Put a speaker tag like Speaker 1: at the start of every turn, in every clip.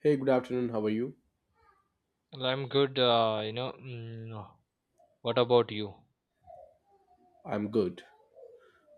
Speaker 1: Hey, good afternoon. How are you?
Speaker 2: Well, I'm good. What about you?
Speaker 1: I'm good.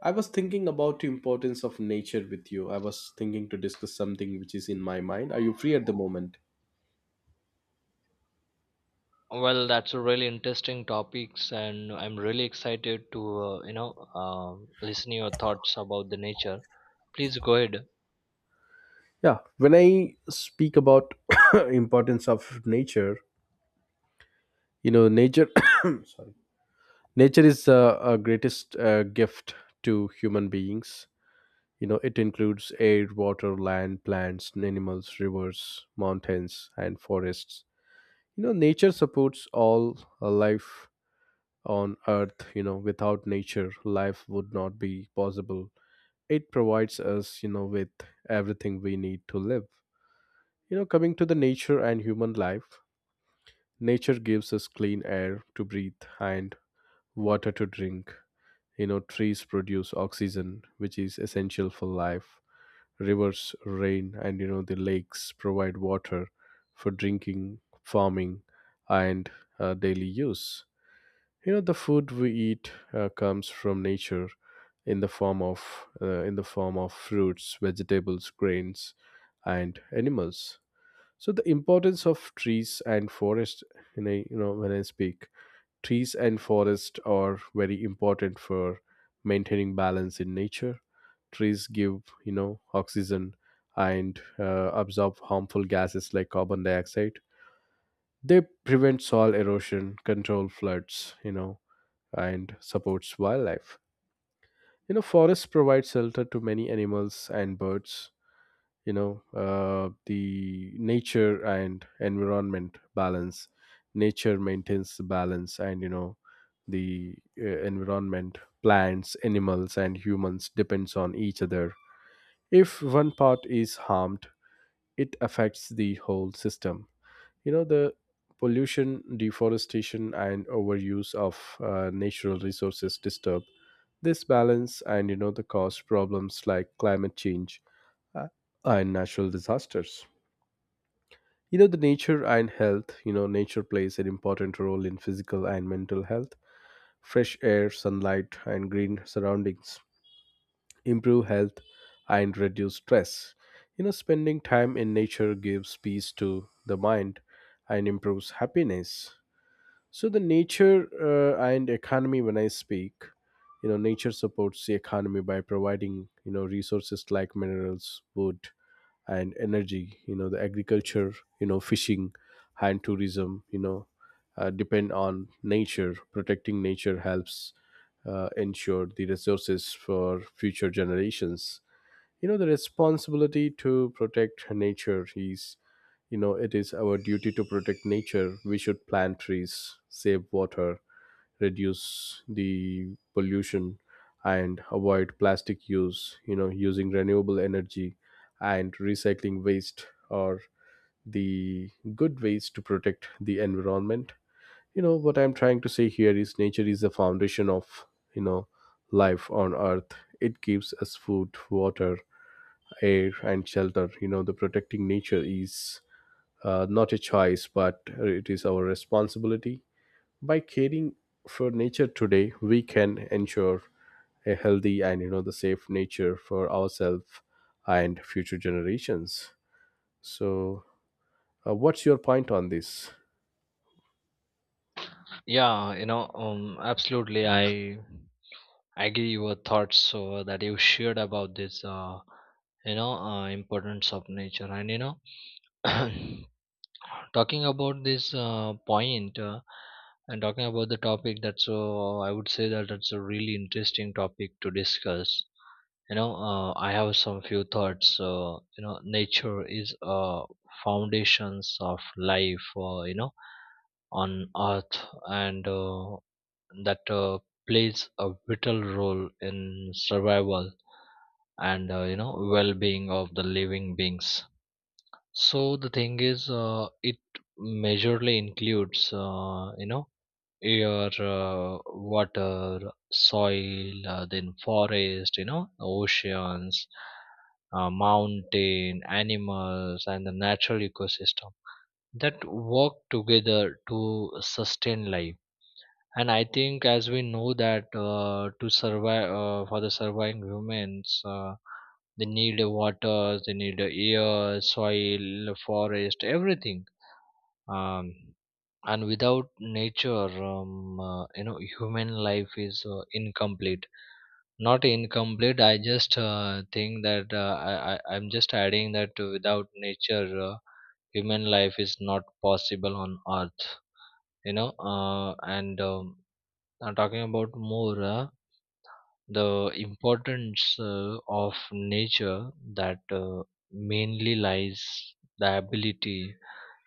Speaker 1: I was thinking about the importance of nature with you. I was thinking to discuss something which is in my mind. Are you free at the moment?
Speaker 2: Well, that's a really interesting topics, and I'm really excited to listen your thoughts about the nature. Please go ahead.
Speaker 1: Yeah, when I speak about importance of nature, you know, nature sorry. Nature is a greatest gift to human beings. You know, it includes air, water, land, plants, animals, rivers, mountains, and forests. You know, nature supports all life on earth. You know, without nature life would not be possible. It provides us, you know, with everything we need to live. You know, coming to the nature and human life, nature gives us clean air to breathe and water to drink. You know, trees produce oxygen, which is essential for life. Rivers, rain, and, you know, the lakes provide water for drinking, farming, and daily use. You know, the food we eat comes from nature in the form of fruits vegetables, grains, and animals. So the importance of trees and forest, in a you know, when I speak, trees and forest are very important for maintaining balance in nature. Trees give, you know, oxygen and absorb harmful gases like carbon dioxide. They prevent soil erosion, control floods, you know, and supports wildlife. You know, forests provide shelter to many animals and birds. You know, the nature and environment balance. Nature maintains the balance, and, you know, the environment, plants, animals, and humans depends on each other. If one part is harmed, it affects the whole system. You know, the pollution, deforestation, and overuse of natural resources disturb this balance, and, you know, the cause problems like climate change uh, and natural disasters. You know, the nature and health, you know, nature plays an important role in physical and mental health. Fresh air, sunlight, and green surroundings improve health and reduce stress. You know, spending time in nature gives peace to the mind and improves happiness. So the nature and economy, when I speak, you know, nature supports the economy by providing, you know, resources like minerals, wood, and energy. You know, the agriculture, you know, fishing, and tourism, you know, depend on nature. Protecting nature helps ensure the resources for future generations. You know, the responsibility to protect nature is, you know, it is our duty to protect nature. We should plant trees, save water, reduce the pollution, and avoid plastic use. You know, using renewable energy and recycling waste are the good ways to protect the environment. You know, what I'm trying to say here is nature is the foundation of, you know, life on earth. It gives us food, water, air, and shelter. You know, the protecting nature is not a choice, but it is our responsibility. By caring for nature today, we can ensure a healthy and, you know, the safe nature for ourselves and future generations. So, what's your point on this?
Speaker 2: Yeah, absolutely. I agree your thoughts that you shared about this. Importance of nature, and you know. Talking about this point and talking about the topic, that's so I would say that that's a really interesting topic to discuss. You know, I have some few thoughts. Nature is foundations of life. On Earth, and that plays a vital role in survival and well-being of the living beings, so the thing is, it majorly includes, air, water, soil, then forest, you know, oceans, mountain, animals, and the natural ecosystem that work together to sustain life. And I think, as we know that to survive for the surviving humans. They need water, they need air, soil, forest, everything, um, and without nature human life is incomplete. Not incomplete, I just think that I'm just adding that without nature human life is not possible on earth, you know and talking about more the importance of nature that mainly lies the ability,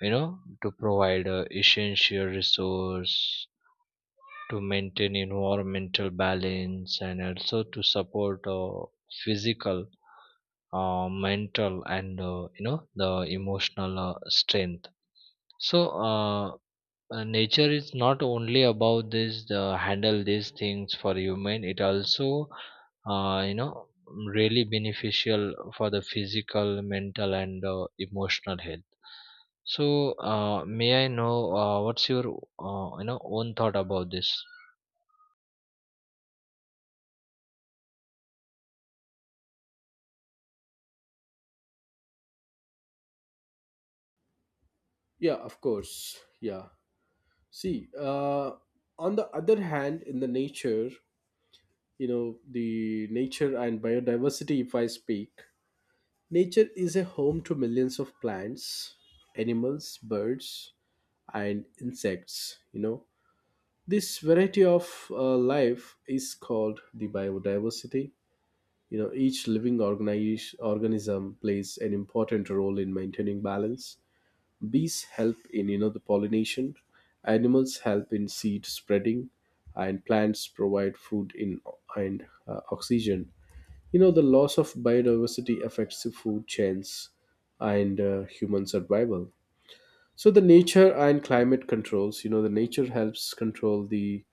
Speaker 2: you know, to provide essential resource to maintain environmental balance and also to support physical mental and the emotional strength. So nature is not only about this the handle these things for human, it also uh, you know really beneficial for the physical, mental and emotional health. So may I know what's your own thought about this?
Speaker 1: Yeah, of course. Yeah. See, on the other hand, in the nature, you know, the nature and biodiversity, if I speak, nature is a home to millions of plants, animals, birds, and insects. You know, this variety of life is called the biodiversity. You know, each living organism plays an important role in maintaining balance. Bees help in, you know, the pollination, animals help in seed spreading, and plants provide food in and oxygen. You know, the loss of biodiversity affects the food chains and human survival. So the nature and climate controls, you know, the nature helps control the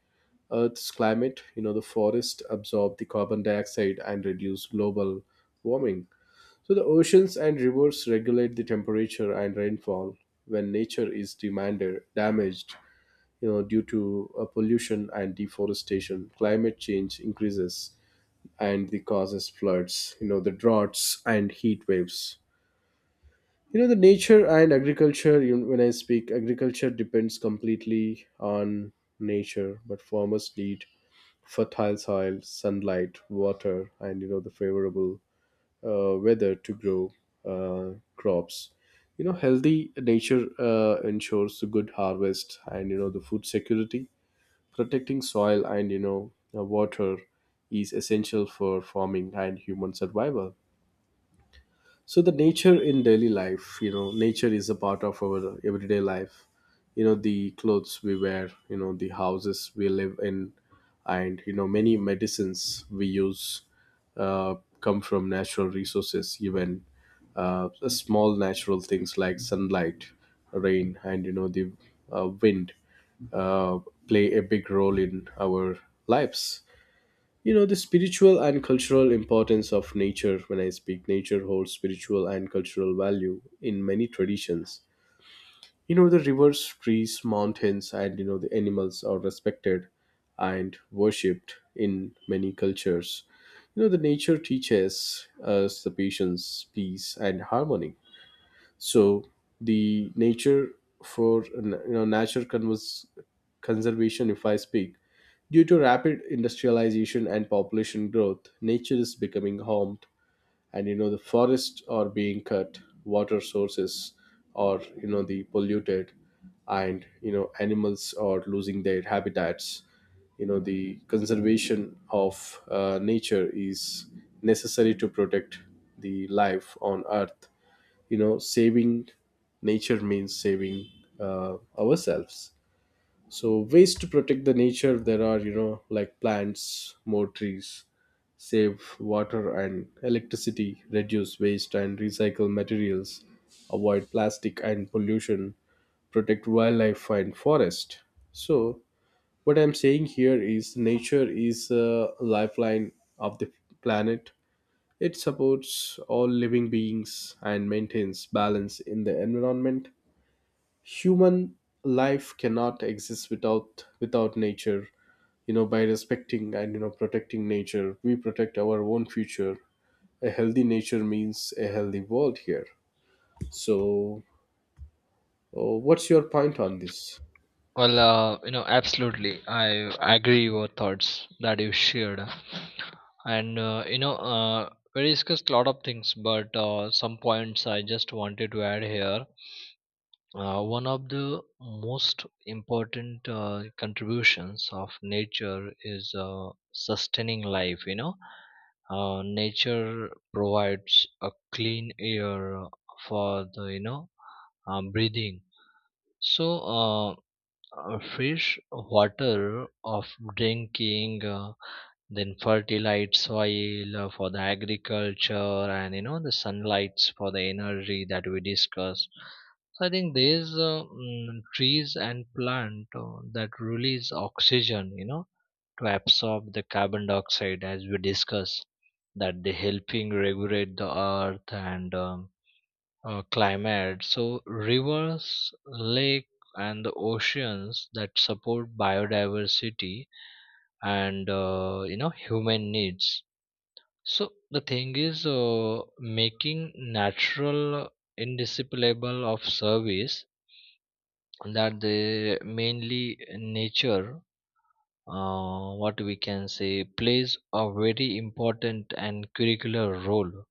Speaker 1: Earth's climate. You know, the forest absorb the carbon dioxide and reduce global warming. So the oceans and rivers regulate the temperature and rainfall when nature is demanded, damaged, you know, due to pollution and deforestation. Climate change increases and the causes floods, you know, the droughts and heat waves. You know, the nature and agriculture, you when I speak, agriculture depends completely on nature, but farmers need fertile soil, sunlight, water, and, you know, the favorable weather to grow crops. You know, healthy nature ensures a good harvest and, you know, the food security. Protecting soil and, you know, water is essential for farming and human survival. So the nature in daily life, you know, nature is a part of our everyday life. You know, the clothes we wear, you know, the houses we live in, and, you know, many medicines we use uh, come from natural resources. Even small natural things like sunlight, rain, and, you know, the wind uh, play a big role in our lives. You know, the spiritual and cultural importance of nature, when I speak, nature holds spiritual and cultural value in many traditions. You know, the rivers, trees, mountains, and, you know, the animals are respected and worshipped in many cultures. You know, the nature teaches us the patience, peace, and harmony. So the nature for, you know, natural conservation, if I speak, due to rapid industrialization and population growth, nature is becoming harmed, and, you know, the forests are being cut, water sources are, you know, the polluted, and, you know, animals are losing their habitats. You know, the conservation of nature is necessary to protect the life on earth. You know, saving nature means saving ourselves. So ways to protect the nature, there are, you know, like plants more trees, save water and electricity, reduce waste and recycle materials, avoid plastic and pollution, protect wildlife and forest. So what I'm saying here is nature is a lifeline of the planet. It supports all living beings and maintains balance in the environment. Human life cannot exist without nature. You know, by respecting and, you know, protecting nature, we protect our own future. A healthy nature means a healthy world here. So, what's your point on this?
Speaker 2: Well, absolutely, I agree your thoughts that you shared, and we discussed a lot of things, but some points I just wanted to add here. One of the most important contributions of nature is sustaining life. You know, nature provides a clean air for the breathing. So, uh, fresh water of drinking. Then fertilized soil for the agriculture and you know the sunlights for the energy that we discussed. So I think these trees and plant that release oxygen, you know, to absorb the carbon dioxide as we discussed, that they helping regulate the earth and climate. So rivers, lake and the oceans that support biodiversity and human needs. So the thing is, making natural indisciplinable of service, that the mainly nature, what we can say, plays a very important and curricular role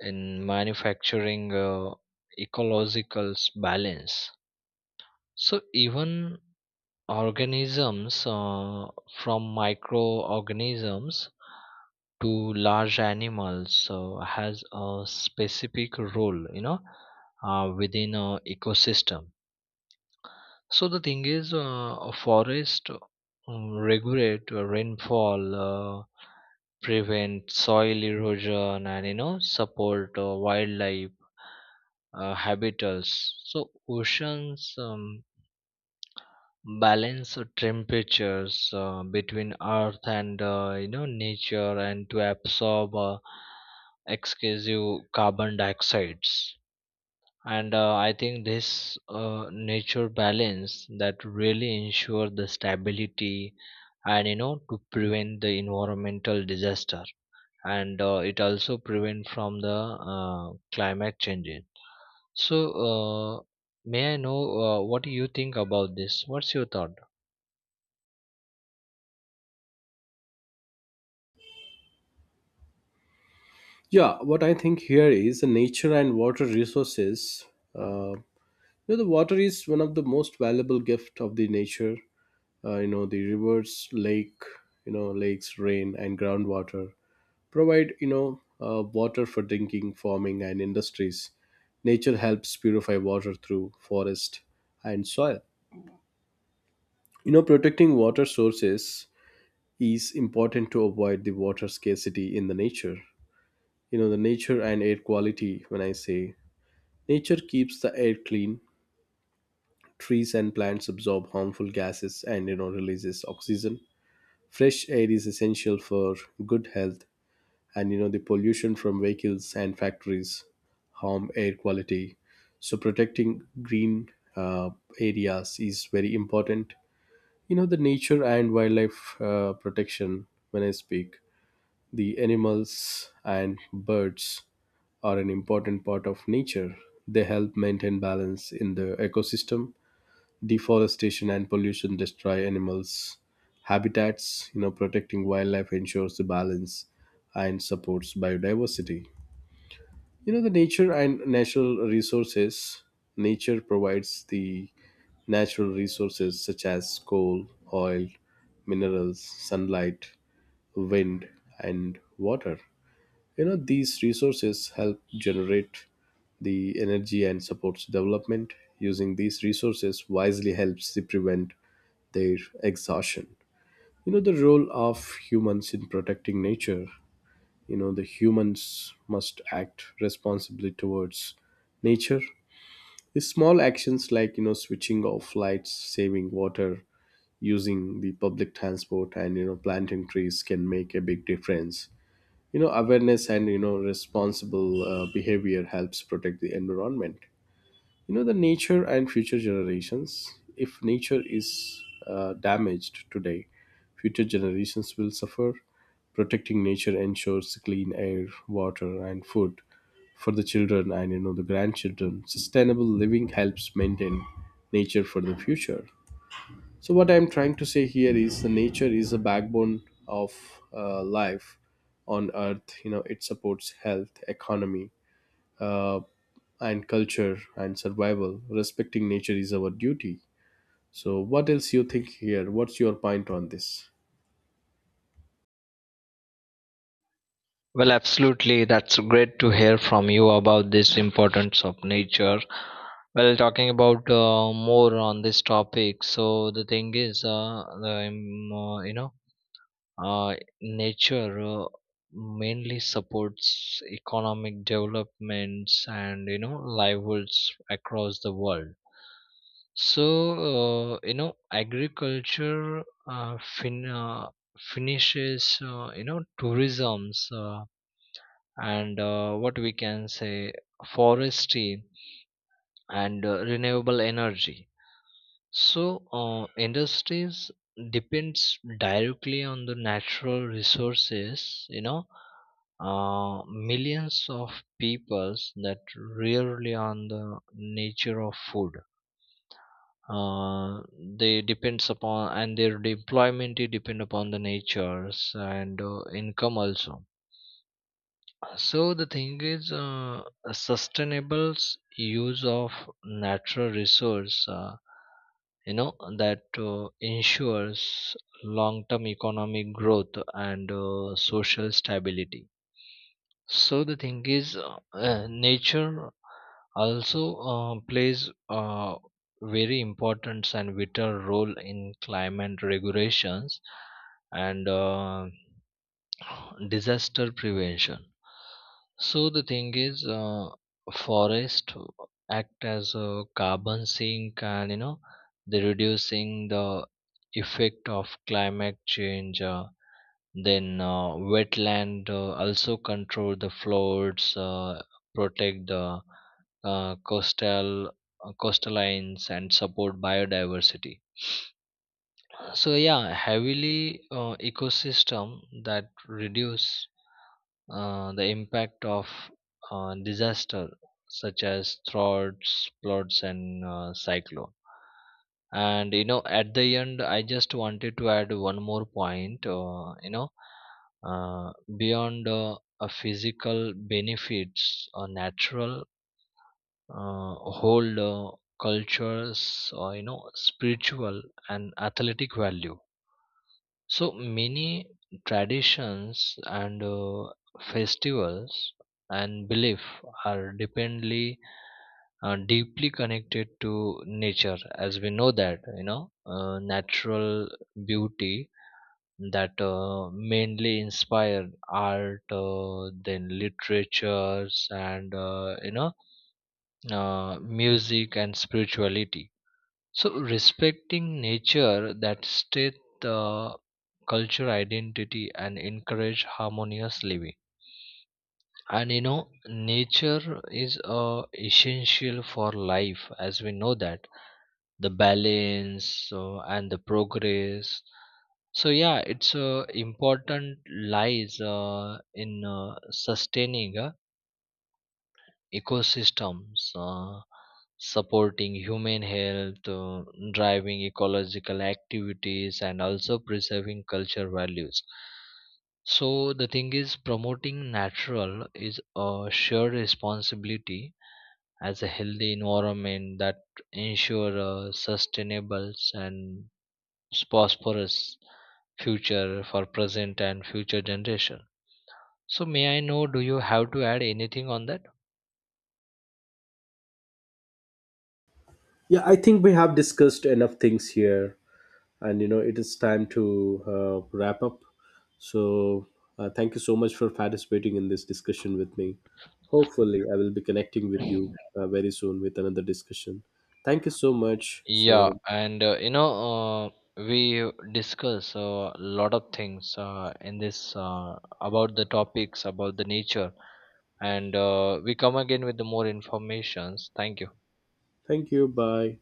Speaker 2: in manufacturing ecological balance. So even organisms from microorganisms to large animals, so has a specific role, you know, within a ecosystem. So the thing is, a forest regulate rainfall, prevent soil erosion and you know support wildlife habitats. So oceans balance temperatures between earth and nature, and to absorb excessive carbon dioxides. And I think this nature balance that really ensure the stability and you know to prevent the environmental disaster, and it also prevent from the climate changes. So uh, may I know what do you think about this, what's your thought?
Speaker 1: Yeah, what I think here is the nature and water resources. Uh, you know, the water is one of the most valuable gift of the nature. You know, the rivers, lake, you know, lakes, rain, and groundwater provide, you know, water for drinking, farming, and industries. Nature helps purify water through forest and soil. You know, protecting water sources is important to avoid the water scarcity in the nature. You know, the nature and air quality, when I say, nature keeps the air clean. Trees and plants absorb harmful gases and, you know, releases oxygen. Fresh air is essential for good health, and, you know, the pollution from vehicles and factories harm air quality. So protecting green uh, areas is very important. You know, the nature and wildlife protection, when I speak, the animals and birds are an important part of nature. They help maintain balance in the ecosystem. Deforestation and pollution destroy animals' habitats. You know, protecting wildlife ensures the balance and supports biodiversity. You know, the nature and natural resources. Nature provides the natural resources such as coal, oil, minerals, sunlight, wind, and water. You know, these resources help generate the energy and supports development. Using these resources wisely helps to prevent their exhaustion. You know, the role of humans in protecting nature, you know, the humans must act responsibly towards nature. The small actions like, you know, switching off lights, saving water, using the public transport, and, you know, planting trees can make a big difference. You know, awareness and, you know, responsible behavior helps protect the environment. You know, the nature and future generations, if nature is damaged today, future generations will suffer. Protecting nature ensures clean air, water, and food for the children and, you know, the grandchildren. Sustainable living helps maintain nature for the future. So what I'm trying to say here is the nature is the backbone of life on earth. You know, it supports health, economy, uh, and culture and survival. Respecting nature is our duty. So, what else you think here? What's your point on this?
Speaker 2: Well, absolutely. That's great to hear from you about this importance of nature. Well, talking about more on this topic. So the thing is, uh, nature mainly supports economic developments and you know livelihoods across the world. So agriculture, uh, fin- uh, finishes, tourism's. And what we can say, forestry and renewable energy. So industries depends directly on the natural resources, you know, millions of peoples that rarely on the nature of food, uh, they depends upon, and their employment it depend upon the natures and income also. So the thing is, a sustainable use of natural resource, that ensures long-term economic growth and social stability. So the thing is, nature also plays a very important and vital role in climate regulations and. Disaster prevention. So the thing is, forest act as a carbon sink, and you know they reducing the effect of climate change, then wetland also control the floods, protect the coastal lines and support biodiversity. So yeah, heavily ecosystem that reduce the impact of disaster such as droughts, floods, and cyclone. And you know, at the end, I just wanted to add one more point. Beyond a physical benefits, or natural hold cultures, or you know, spiritual and athletic value. So many traditions and festivals and belief are dependly deeply connected to nature, as we know that, you know, natural beauty that mainly inspired art, then literatures and music and spirituality. So respecting nature that state the culture identity and encourage harmonious living. And you know, nature is essential for life, as we know that the balance and the progress. So yeah, it's important lies in sustaining. Ecosystems, supporting human health, driving ecological activities, and also preserving cultural values. So, the thing is, promoting natural is a shared responsibility, as a healthy environment that ensure a sustainable and prosperous future for present and future generation. So, may I know, do you have to add anything on that?
Speaker 1: Yeah, I think we have discussed enough things here, and, you know, it is time to wrap up. So, thank you so much for participating in this discussion with me. Hopefully, I will be connecting with you very soon with another discussion. Thank you so much.
Speaker 2: Yeah,
Speaker 1: So,
Speaker 2: and we discuss a lot of things in this about the topics about the nature, and we come again with the more informations. Thank you.
Speaker 1: thank you. Bye.